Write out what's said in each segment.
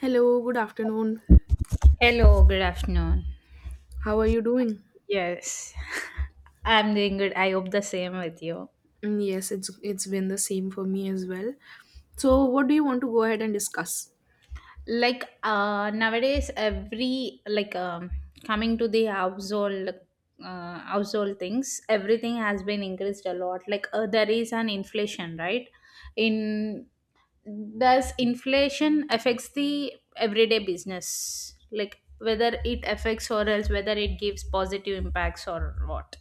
Hello, good afternoon. Hello, good afternoon. How are you doing? Yes, I'm doing good. I hope the same with you. Yes, it's been the same for me as well. So, what do you want to go ahead and discuss? Like nowadays, every like coming to the household things, everything has been increased a lot. Like there is an inflation, right? In does inflation affects the everyday business? Like whether it affects or else whether it gives positive impacts or what?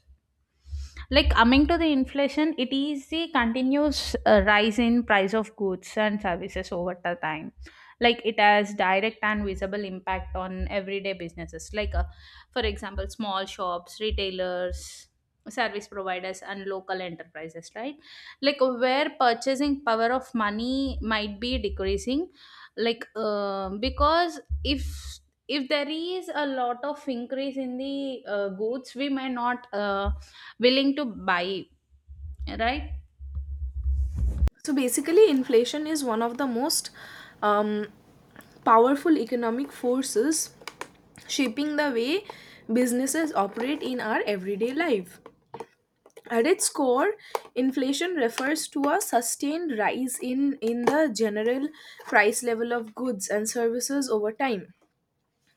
Like coming to the inflation, it is the continuous rise in price of goods and services over the time. Like it has direct and visible impact on everyday businesses, like for example small shops, retailers, service providers and local enterprises, right? Like where purchasing power of money might be decreasing, like because if there is a lot of increase in the goods we may not willing to buy, right? So, basically, inflation is one of the most um, powerful economic forces shaping the way businesses operate in our everyday life. At its core, inflation refers to a sustained rise in the general price level of goods and services over time,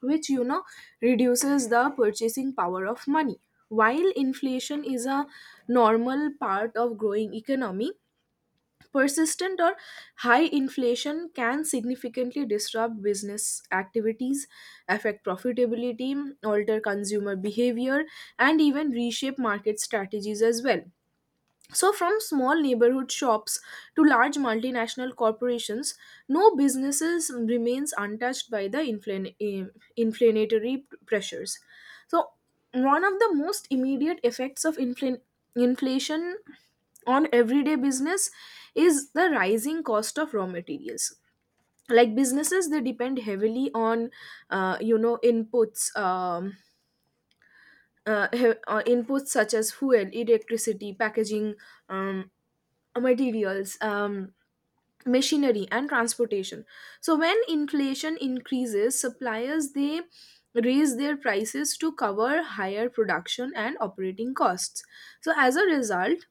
which reduces the purchasing power of money. While inflation is a normal part of growing economy, persistent or high inflation can significantly disrupt business activities, affect profitability, alter consumer behavior, and even reshape market strategies as well. So, from small neighborhood shops to large multinational corporations, no businesses remains untouched by the inflationary pressures. So, one of the most immediate effects of inflation on everyday business is the rising cost of raw materials. Like businesses, they depend heavily on, inputs. Inputs such as fuel, electricity, packaging, um, materials, machinery, and transportation. So when inflation increases, suppliers they raise their prices to cover higher production and operating costs. So as a result,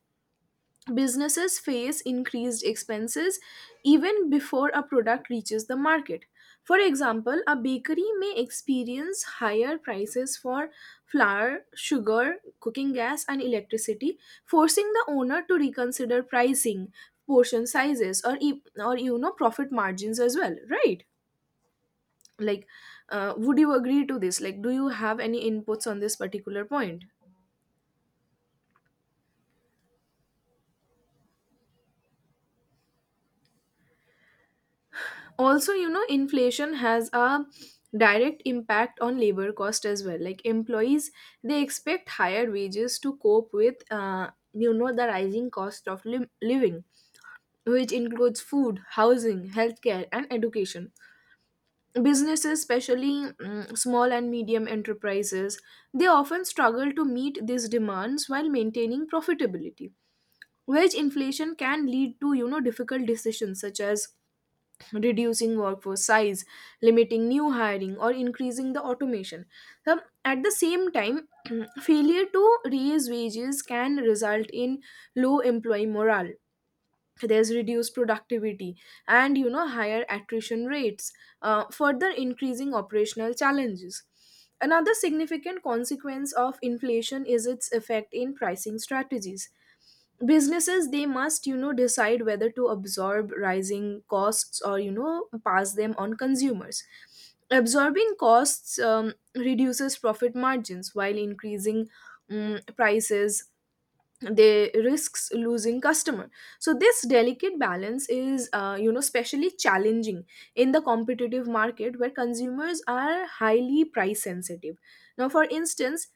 businesses face increased expenses even before a product reaches the market. For example, a bakery may experience higher prices for flour, sugar, cooking gas, and electricity, forcing the owner to reconsider pricing, portion sizes, or, profit margins as well, right? Like, would you agree to this? Like, do you have any inputs on this particular point? Also, inflation has a direct impact on labor cost as well. Like employees, they expect higher wages to cope with the rising cost of living, which includes food, housing, healthcare, and education. Businesses, especially small and medium enterprises, they often struggle to meet these demands while maintaining profitability. Wage inflation can lead to, difficult decisions such as reducing workforce size, limiting new hiring, or increasing the automation. So, at the same time, failure to raise wages can result in low employee morale, there's reduced productivity, and, higher attrition rates, further increasing operational challenges. Another significant consequence of inflation is its effect in pricing strategies. Businesses, they must, decide whether to absorb rising costs or, pass them on consumers. Absorbing costs reduces profit margins, while increasing prices, they risks losing customer. So this delicate balance is, especially challenging in the competitive market where consumers are highly price sensitive. Now, for instance,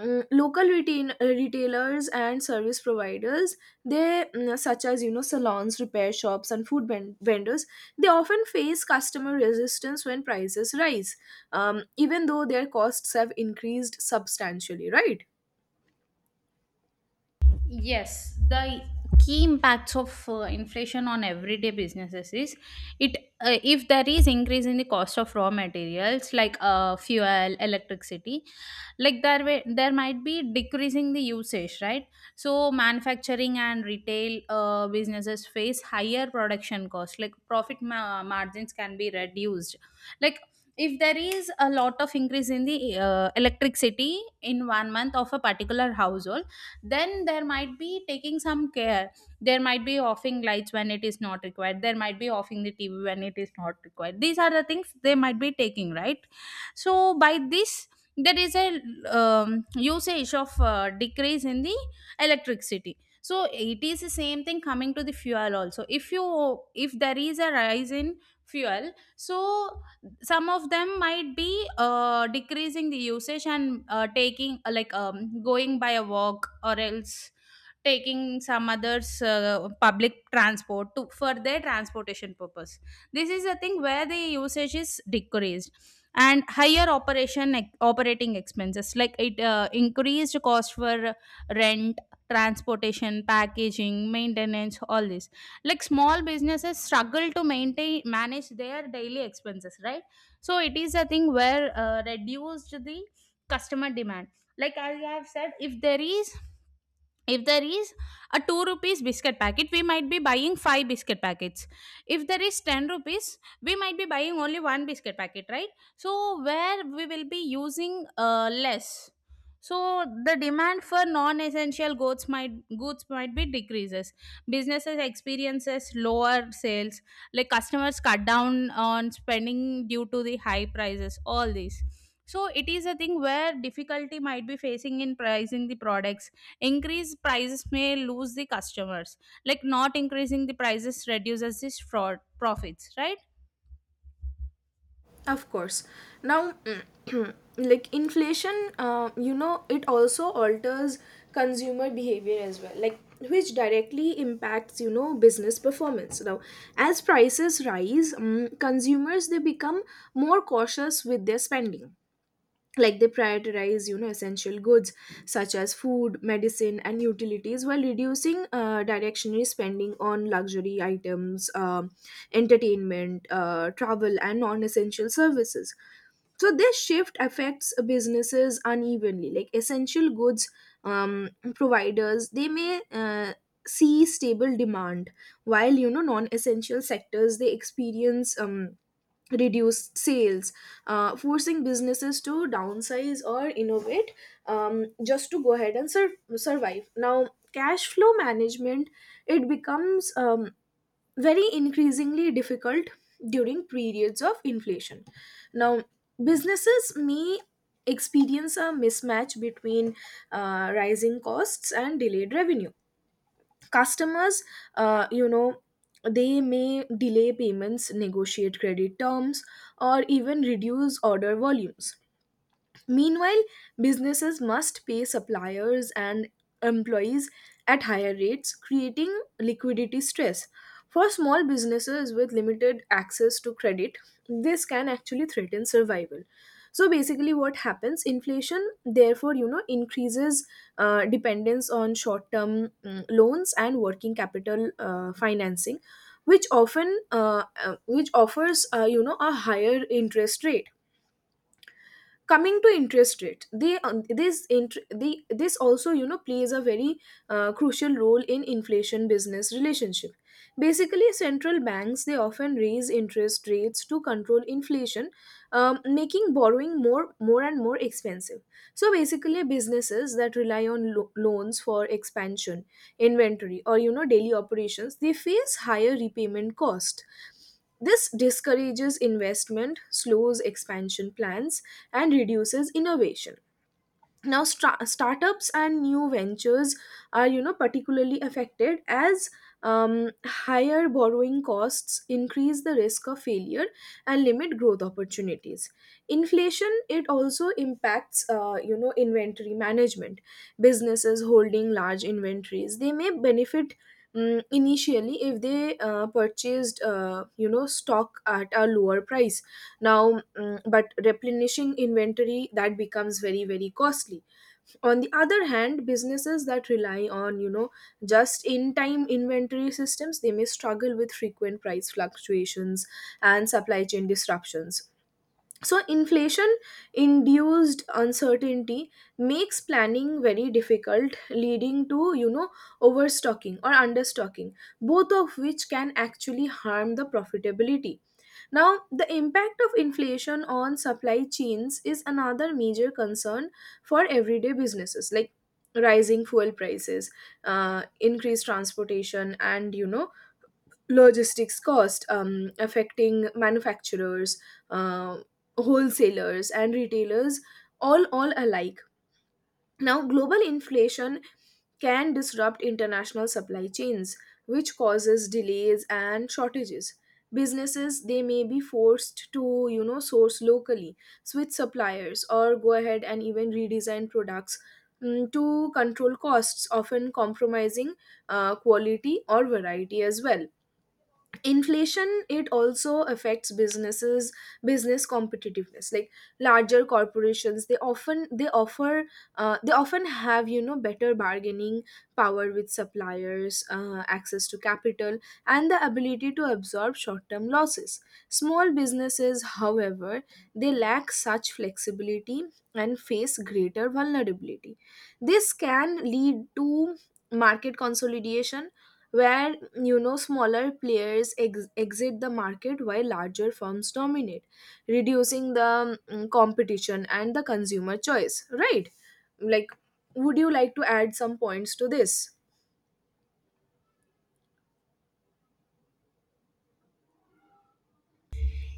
local retailers and service providers, they such as, salons, repair shops, and food vendors, they often face customer resistance when prices rise, even though their costs have increased substantially, right? Yes, the key impacts of inflation on everyday businesses is it if there is increase in the cost of raw materials like fuel, electricity, like there might be decreasing the usage, right? So manufacturing and retail businesses face higher production costs, like profit margins can be reduced, like. If there is a lot of increase in the electricity in one month of a particular household, then there might be taking some care, there might be offing lights when it is not required, there might be offing the tv when it is not required. These are the things they might be taking, right? So by this there is a usage of decrease in the electricity. So it is the same thing coming to the fuel also, if there is a rise in fuel. So some of them might be decreasing the usage and taking like going by a walk, or else taking some others public transport to for their transportation purpose. This is a thing where the usage is decreased. And higher operating expenses, like it increased cost for rent, transportation, packaging, maintenance, all this. Like small businesses struggle to maintain manage their daily expenses, right? So it is a thing where reduced the customer demand. Like, as I have said, if there is a 2 rupees biscuit packet, we might be buying 5 biscuit packets. If there is 10 rupees, we might be buying only one biscuit packet, right? So where we will be using less. So the demand for non essential goods might be decreases. Businesses experiences lower sales, like customers cut down on spending due to the high prices, all these. So it is a thing where difficulty might be facing in pricing the products. Increase prices may lose the customers. Like not increasing the prices reduces this fraud profits, right? Of course. Now, like inflation, it also alters consumer behavior as well, like which directly impacts, business performance. Now, as prices rise, consumers, they become more cautious with their spending, like they prioritize, essential goods such as food, medicine, and utilities, while reducing directionary spending on luxury items, entertainment, travel, and non-essential services. So this shift affects businesses unevenly. Like essential goods providers, they may see stable demand, while, non-essential sectors, they experience reduced sales, forcing businesses to downsize or innovate, just to go ahead and survive. Now, cash flow management, it becomes, very increasingly difficult during periods of inflation. Now, businesses may experience a mismatch between rising costs and delayed revenue. Customers, uh, you know they may delay payments, negotiate credit terms, or even reduce order volumes. Meanwhile, businesses must pay suppliers and employees at higher rates, creating liquidity stress. For small businesses with limited access to credit, this can actually threaten survival. So basically, what happens? Inflation, therefore, increases dependence on short-term loans and working capital financing, which often, which offers, a higher interest rate. Coming to interest rate, they this int- the this also, plays a very crucial role in inflation business relationship. Basically, central banks, they often raise interest rates to control inflation, making borrowing more and more expensive. So basically, businesses that rely on loans for expansion, inventory, or, daily operations, they face higher repayment cost. This discourages investment, slows expansion plans, and reduces innovation. Now, stra startups and new ventures are, particularly affected as, higher borrowing costs increase the risk of failure and limit growth opportunities. Inflation, it also impacts, inventory management. Businesses holding large inventories, they may benefit, initially if they purchased, stock at a lower price. Now, but replenishing inventory, that becomes very very costly. On the other hand, businesses that rely on, just in time inventory systems, they may struggle with frequent price fluctuations and supply chain disruptions. So inflation induced uncertainty makes planning very difficult, leading to, overstocking or understocking, both of which can actually harm the profitability. Now, the impact of inflation on supply chains is another major concern for everyday businesses, like rising fuel prices, increased transportation, and, logistics cost, affecting manufacturers, uh, wholesalers, and retailers all alike. Now, global inflation can disrupt international supply chains, which causes delays and shortages. Businesses, they may be forced to, source locally, switch suppliers, or go ahead and even redesign products, to control costs, often compromising quality or variety as well. Inflation, it also affects businesses business competitiveness. Like larger corporations, they often they offer they often have, better bargaining power with suppliers, access to capital, and the ability to absorb short term losses. Small businesses, however, they lack such flexibility and face greater vulnerability. This can lead to market consolidation, where, smaller players exit the market while larger firms dominate, reducing the competition and the consumer choice, right? Like, would you like to add some points to this?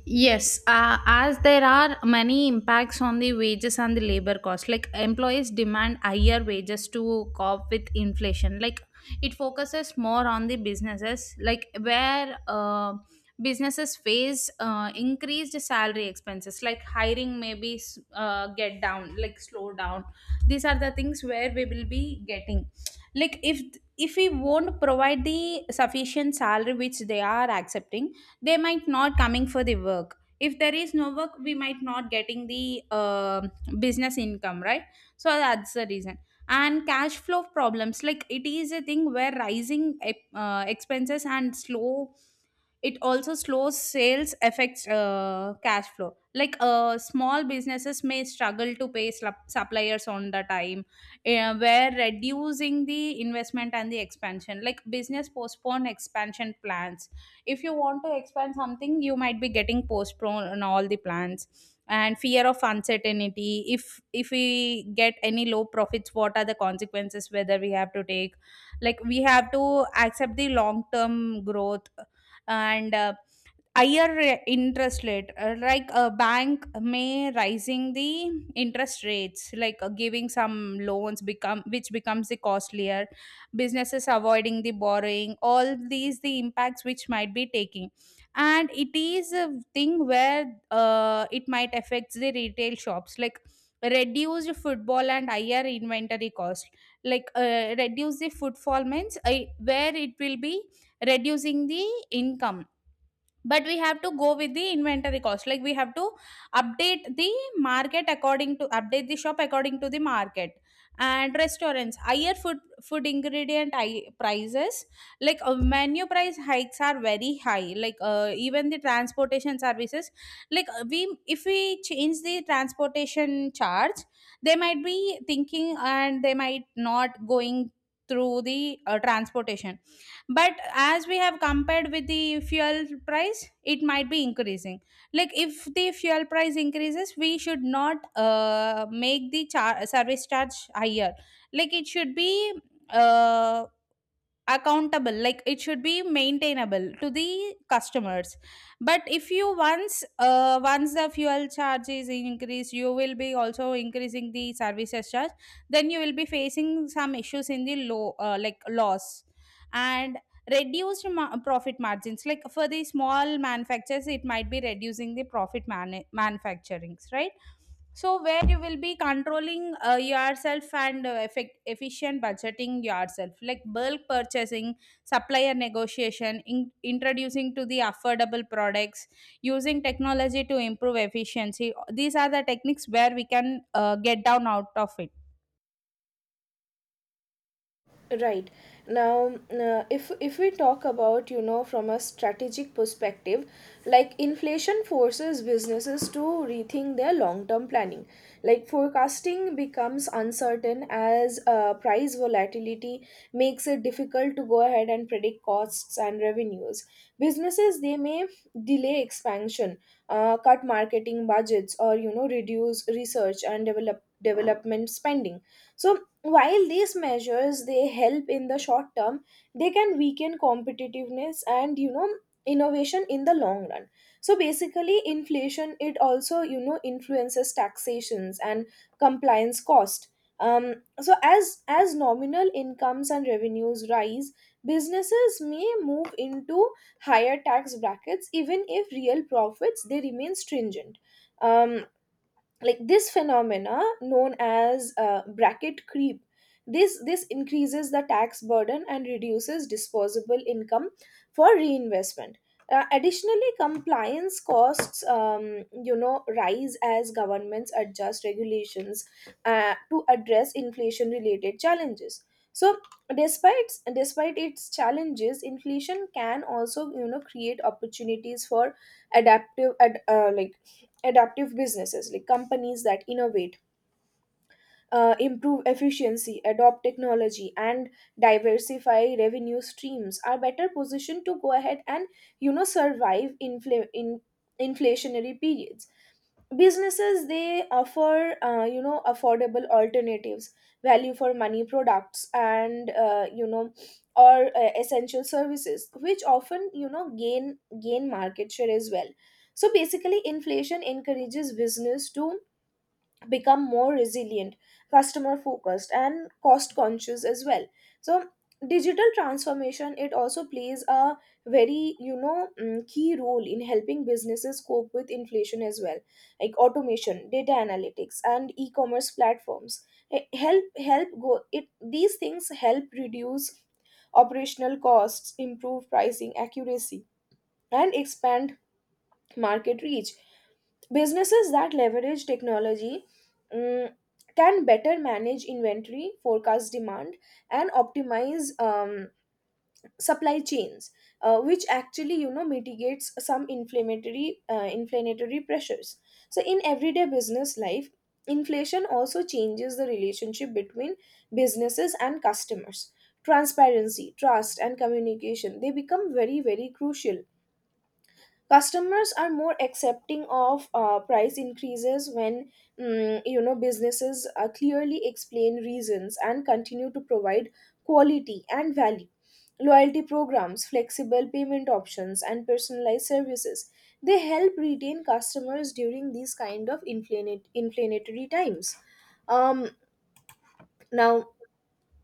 Yes, as there are many impacts on the wages and the labor cost. Like employees demand higher wages to cope with inflation. Like it focuses more on the businesses, like where businesses face increased salary expenses, like hiring maybe get down, like slow down. These are the things where we will be getting. Like if we won't provide the sufficient salary which they are accepting, they might not coming for the work. If there is no work, we might not getting the business income, right? So that's the reason. And cash flow problems, like it is a thing where rising expenses and slow it also slows sales, affects cash flow. Like small businesses may struggle to pay suppliers on the time, where reducing the investment and the expansion, like business postpone expansion plans. If you want to expand something, you might be getting postponed on all the plans. And fear of uncertainty, if we get any low profits, what are the consequences, whether we have to take, like we have to accept the long term growth. And higher interest rate, like a bank may rising the interest rates, like giving some loans become which becomes the costlier. Businesses avoiding the borrowing, all these the impacts which might be taking. And it is a thing where it might affect the retail shops, like reduced football and higher inventory cost. Like reduce the footfall means, where it will be reducing the income. But we have to go with the inventory cost, like we have to update the market according to update the shop according to the market. And restaurants higher food ingredient, prices. Like menu price hikes are very high. Like even the transportation services, like we if we change the transportation charge, they might be thinking and they might not going through the transportation. But as we have compared with the fuel price, it might be increasing. Like if the fuel price increases, we should not make the service charge higher. Like it should be uh, accountable, like it should be maintainable to the customers. But if you once once the fuel charge is increased, you will be also increasing the services charge. Then you will be facing some issues in the low, like loss. And reduced profit margins, like for the small manufacturers it might be reducing the profit manufacturings, right? So where you will be controlling yourself and efficient budgeting yourself, like bulk purchasing, supplier negotiation, introducing to the affordable products, using technology to improve efficiency. These are the techniques where we can get down out of it. Right. Now, if we talk about, from a strategic perspective, like inflation forces businesses to rethink their long-term planning. Like forecasting becomes uncertain as price volatility makes it difficult to go ahead and predict costs and revenues. Businesses, they may delay expansion, cut marketing budgets, or, reduce research and development spending. So while these measures, they help in the short term, they can weaken competitiveness and, innovation in the long run. So basically, inflation, it also, influences taxations and compliance cost. So as nominal incomes and revenues rise, businesses may move into higher tax brackets even if real profits, they remain stringent. Um, like this phenomena known as bracket creep, this increases the tax burden and reduces disposable income for reinvestment. Additionally, compliance costs, rise as governments adjust regulations to address inflation-related challenges. So, despite its challenges, inflation can also, create opportunities for adaptive, ad, uh, like adaptive businesses, like companies that innovate, improve efficiency, adopt technology, and diversify revenue streams are better positioned to go ahead and, survive infl- in inflationary periods. Businesses, they offer, affordable alternatives, value for money products, and you know or essential services, which often, gain market share as well. So basically, inflation encourages business to become more resilient, customer focused, and cost conscious as well. So, digital transformation, it also plays a very, key role in helping businesses cope with inflation as well, like automation, data analytics, and e-commerce platforms. Eh, help help go it These things help reduce operational costs, improve pricing accuracy, and expand market reach. Businesses that leverage technology, mm, can better manage inventory, forecast demand, and optimize, supply chains, which actually, mitigates some inflammatory pressures. So in everyday business life, inflation also changes the relationship between businesses and customers. Transparency, trust, and communication they become very very crucial. Customers are more accepting of price increases when businesses clearly explain reasons and continue to provide quality and value. Loyalty programs, flexible payment options, and personalized services, they help retain customers during these kind of inflationary times. um, Now,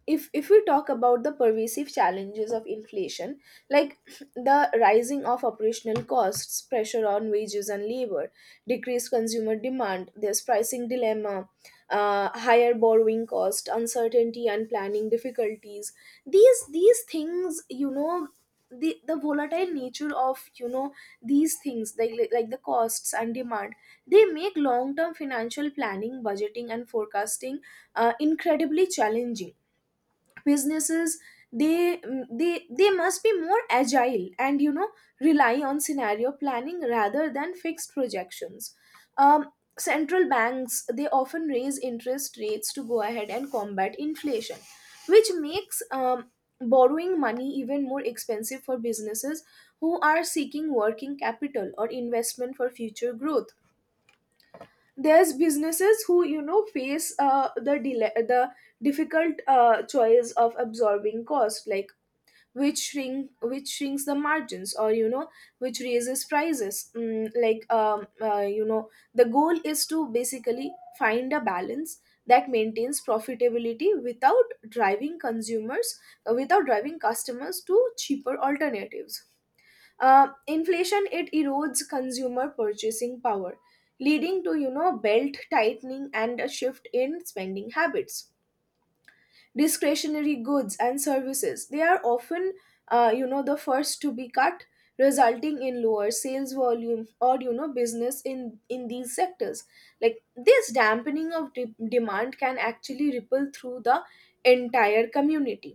if we talk about the pervasive challenges of inflation, like the rising of operational costs, pressure on wages and labor, decreased consumer demand, there's pricing dilemma, higher borrowing cost, uncertainty, and planning difficulties, these things, the volatile nature of these things, like the costs and demand, they make long term financial planning, budgeting, and forecasting incredibly challenging. Businesses, they they must be more agile and rely on scenario planning rather than fixed projections. um, Central banks, they often raise interest rates to go ahead and combat inflation, which makes borrowing money even more expensive for businesses who are seeking working capital or investment for future growth. There's businesses who face the delay, the difficult choice of absorbing cost, like which shrinks the margins, or which raises prices, like, the goal is to basically find a balance that maintains profitability without driving consumers, without driving customers to cheaper alternatives. Inflation, it erodes consumer purchasing power, leading to belt tightening and a shift in spending habits. Discretionary goods and services, they are often the first to be cut, resulting in lower sales volume or business in these sectors. Like this dampening of demand can actually ripple through the entire community.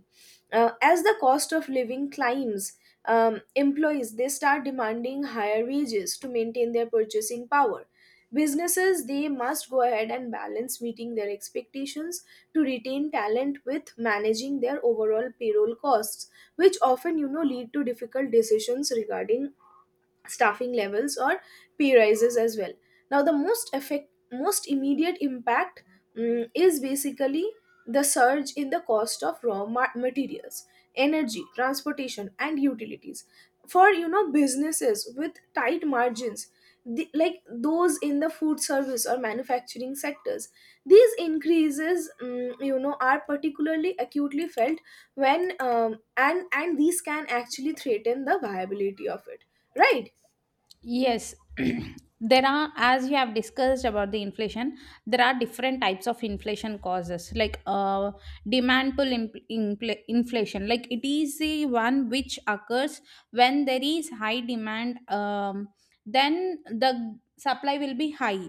As the cost of living climbs, um, employees, they start demanding higher wages to maintain their purchasing power. Businesses, they must go ahead and balance meeting their expectations to retain talent with managing their overall payroll costs, which often lead to difficult decisions regarding staffing levels or pay rises as well. Now, the most immediate impact is basically the surge in the cost of raw materials, energy, transportation, and utilities. For businesses with tight margins, like those in the food service or manufacturing sectors, these increases are particularly acutely felt when and these can actually threaten the viability of it, right? Yes, there are, as you have discussed about the inflation, there are different types of inflation causes, like demand pull inflation. Like it is the one which occurs when there is high demand, then the supply will be high.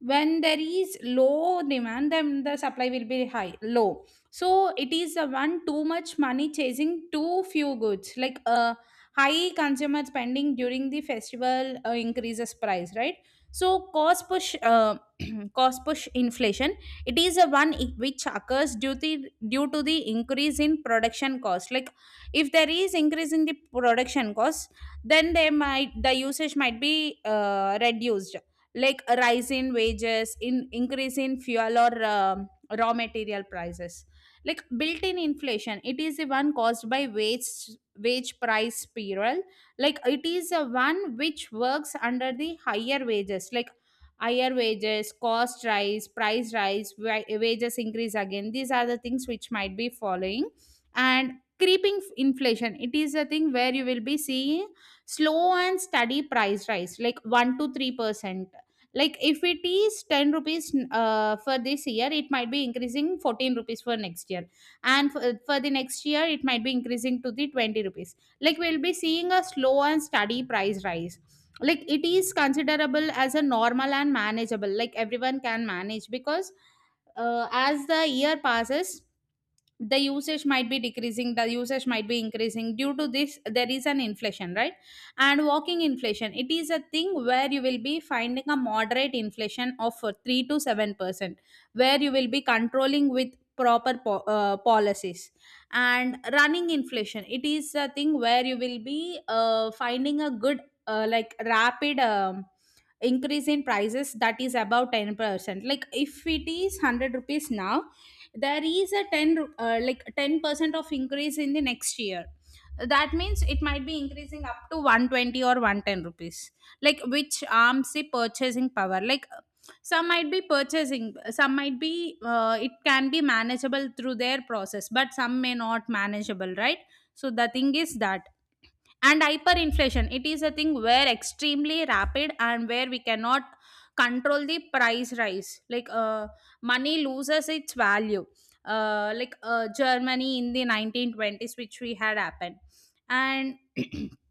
When there is low demand, then the supply will be high, low. So it is the one too much money chasing too few goods. Like high consumer spending during the festival increases price, right? So cost push inflation. It is a one which occurs due to the increase in production cost. Like if there is increase in the production cost, then the usage might be reduced. Like a rise in wages, in increase in fuel or raw material prices. Like built-in inflation, it is the one caused by wage price spiral. Like it is a one which works under the higher wages, like higher wages cost rise price rise wages increase again. These are the things which might be following. And creeping inflation, it is a thing where you will be seeing slow and steady price rise, like 1 to 3%. Like if it is 10 rupees for this year, it might be increasing 14 rupees for next year. And for the next year it might be increasing to the 20 rupees. Like we'll be seeing a slow and steady price rise. Like it is considerable as a normal and manageable, like everyone can manage because as the year passes, the usage might be decreasing, the usage might be increasing. Due to this there is an inflation, right? And walking inflation, it is a thing where you will be finding a moderate inflation of 3 to 7%, where you will be controlling with proper policies. And running inflation, it is a thing where you will be finding a good, like rapid increase in prices, that is about 10%. Like if it is 100 rupees now, there is a 10 like 10% of increase in the next year. That means it might be increasing up to 120 or 110 rupees. Like which arms the purchasing power, like some might be purchasing, some might be, it can be manageable through their process, but some may not manageable, right? So the thing is that. And hyperinflation, it is a thing where extremely rapid and where we cannot control the price rise, like money loses its value, like Germany in the 1920s which we had happened. And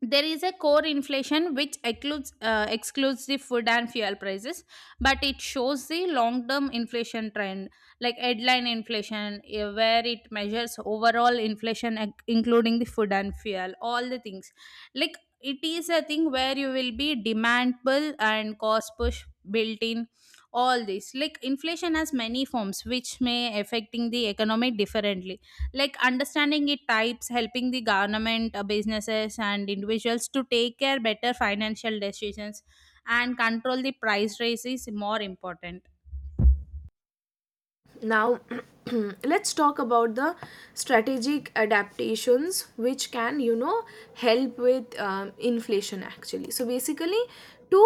there is a core inflation which excludes the food and fuel prices, but it shows the long term inflation trend. Like headline inflation, where it measures overall inflation including the food and fuel, all the things. Like it is a thing where you will be demand pull and cost push, built in, all this. Like inflation has many forms which may affecting the economy differently. Like understanding it types helping the government, businesses and individuals to take care better financial decisions. And control the price rise is more important. Now, let's talk about the strategic adaptations which can, help with inflation actually. So basically, to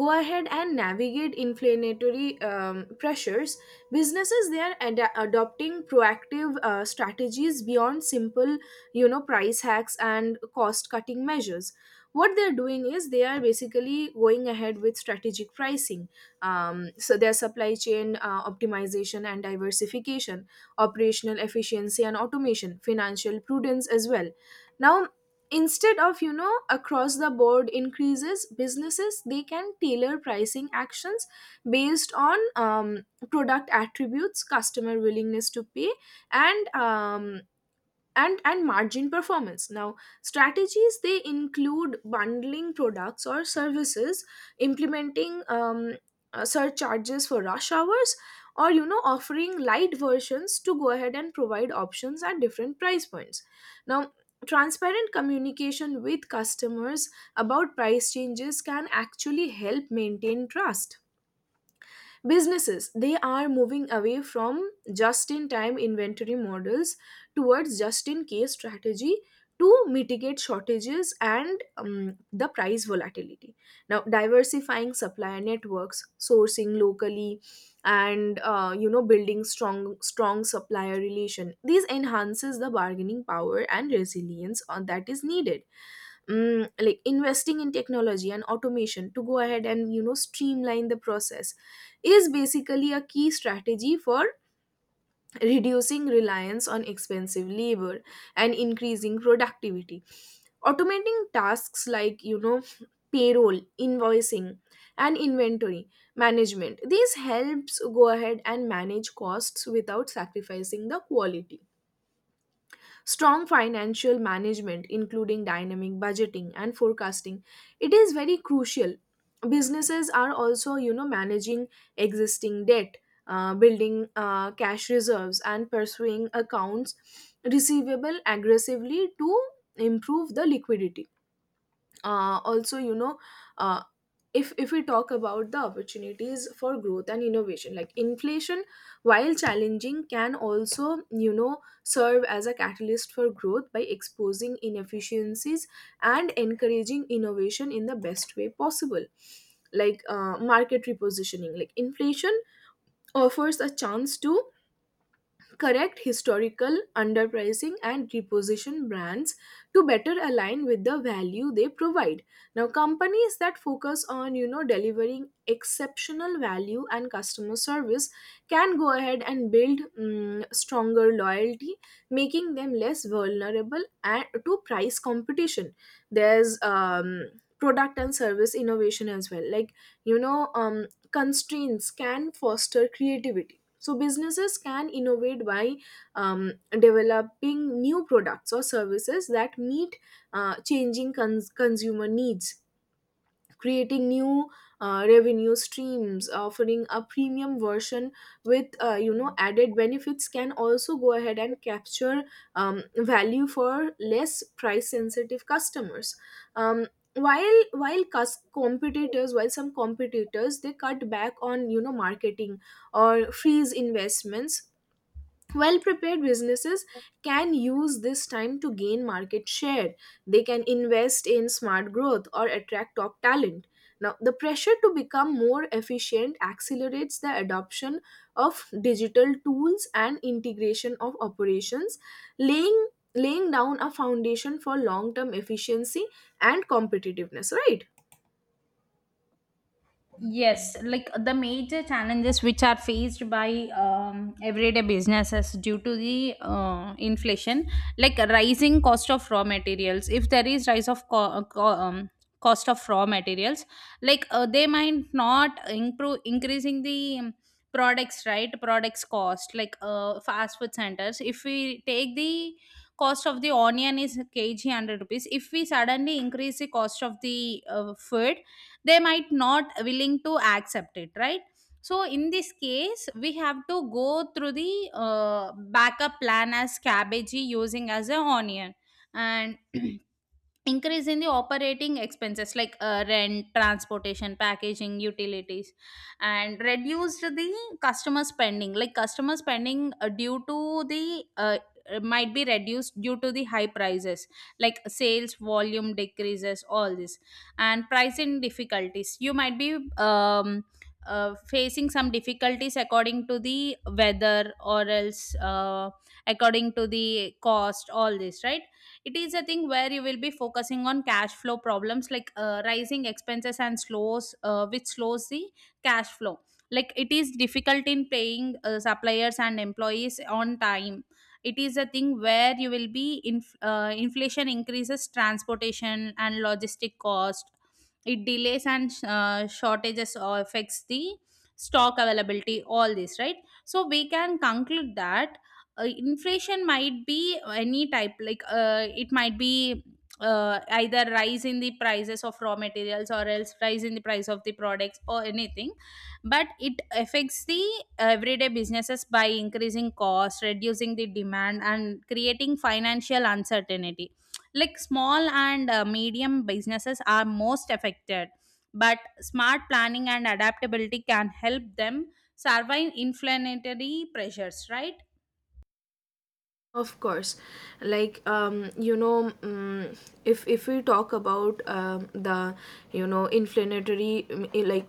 go ahead and navigate inflationary pressures, businesses they are adopting proactive strategies beyond simple, price hacks and cost cutting measures. What they're doing is they are basically going ahead with strategic pricing, so their supply chain optimization and diversification, operational efficiency and automation, financial prudence as well. Now, instead of across the board increases, businesses they can tailor pricing actions based on product attributes, customer willingness to pay, and and margin performance. Now, strategies they include bundling products or services, implementing surcharges for rush hours, or offering light versions to go ahead and provide options at different price points. Now, transparent communication with customers about price changes can actually help maintain trust. Businesses they are moving away from just in time inventory models towards just in case strategy to mitigate shortages and the price volatility. Now, diversifying supplier networks, sourcing locally, and building strong supplier relation, these enhances the bargaining power and resilience on that is needed. Like investing in technology and automation to go ahead and streamline the process is basically a key strategy for reducing reliance on expensive labor and increasing productivity. Automating tasks like payroll, invoicing, and inventory management, these helps go ahead and manage costs without sacrificing the quality. Strong financial management, including dynamic budgeting and forecasting, it is very crucial. Businesses are also managing existing debt, building cash reserves, and pursuing accounts receivable aggressively to improve the liquidity. Also, uh, if we talk about the opportunities for growth and innovation, like inflation, while challenging, can also serve as a catalyst for growth by exposing inefficiencies and encouraging innovation in the best way possible. Like market repositioning, like inflation offers a chance to correct historical underpricing and reposition brands to better align with the value they provide. Now, companies that focus on delivering exceptional value and customer service can go ahead and build stronger loyalty, making them less vulnerable and to price competition. There's product and service innovation as well. Like you know um, constraints can foster creativity, so businesses can innovate by developing new products or services that meet changing consumer needs, creating new revenue streams. Offering a premium version with added benefits can also go ahead and capture value for less price sensitive customers. um, while cus- competitors while some competitors they cut back on marketing or freeze investments, well prepared businesses can use this time to gain market share. They can invest in smart growth or attract top talent. Now, the pressure to become more efficient accelerates the adoption of digital tools and integration of operations, laying laying down a foundation for long term efficiency and competitiveness, right? Yes, like the major challenges which are faced by everyday businesses due to the inflation, like rising cost of raw materials. If there is rise of cost of raw materials, like they might not improve increasing the products right products cost, like fast food centers. If we take the cost of the onion is kg 100 rupees, if we suddenly increase the cost of the food, they might not willing to accept it, right? So in this case we have to go through the backup plan as cabbage using as a onion. And increase in the operating expenses, like rent, transportation, packaging, utilities. And reduced the customer spending, like customer spending due to the, might be reduced due to the high prices. Like sales volume decreases, all this. And pricing difficulties you might be facing some difficulties according to the weather, or else according to the cost, all this, right? It is a thing where you will be focusing on cash flow problems, like rising expenses and slows which slows the cash flow. Like it is difficult in paying suppliers and employees on time. It is a thing where you will be, inflation increases transportation and logistic cost. It delays and shortages, or affects the stock availability, all this, right? So we can conclude that inflation might be any type, like it might be either rise in the prices of raw materials or else rise in the price of the products or anything. But it affects the everyday businesses by increasing costs, reducing the demand and creating financial uncertainty. Like small and medium businesses are most affected, but smart planning and adaptability can help them survive inflationary pressures, right? Of course, like um, you know, um, if we talk about the inflammatory like,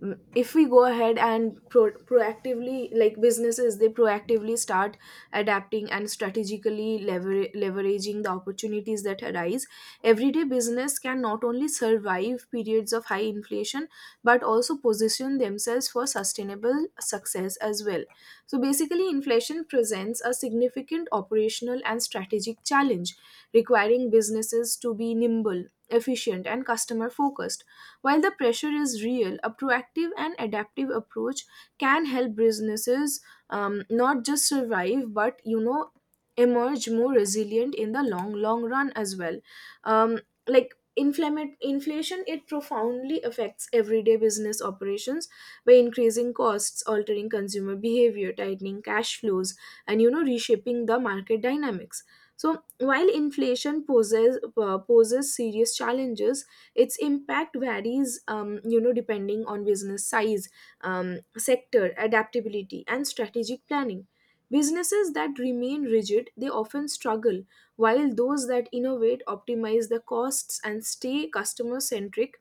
if we go ahead and proactively, like businesses they proactively start adapting and strategically leveraging the opportunities that arise, everyday business can not only survive periods of high inflation but also position themselves for sustainable success as well. So basically, inflation presents a significant operational and strategic challenge, requiring businesses to be nimble, efficient, and customer focused. While the pressure is real, a proactive and adaptive approach can help businesses not just survive but emerge more resilient in the long long run as well. Um, like inflation, it profoundly affects everyday business operations by increasing costs, altering consumer behavior, tightening cash flows, and reshaping the market dynamics. So, while inflation poses poses serious challenges, its impact varies, depending on business size, sector, adaptability, and strategic planning. Businesses that remain rigid, they often struggle, while those that innovate, optimize the costs, and stay customer centric,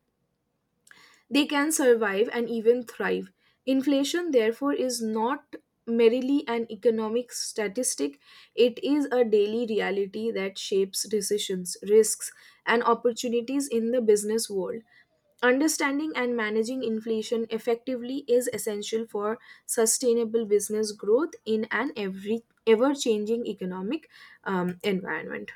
they can survive and even thrive. Inflation, therefore, is not merely an economic statistic, it is a daily reality that shapes decisions, risks, and opportunities in the business world. Understanding and managing inflation effectively is essential for sustainable business growth in an every ever changing economic environment.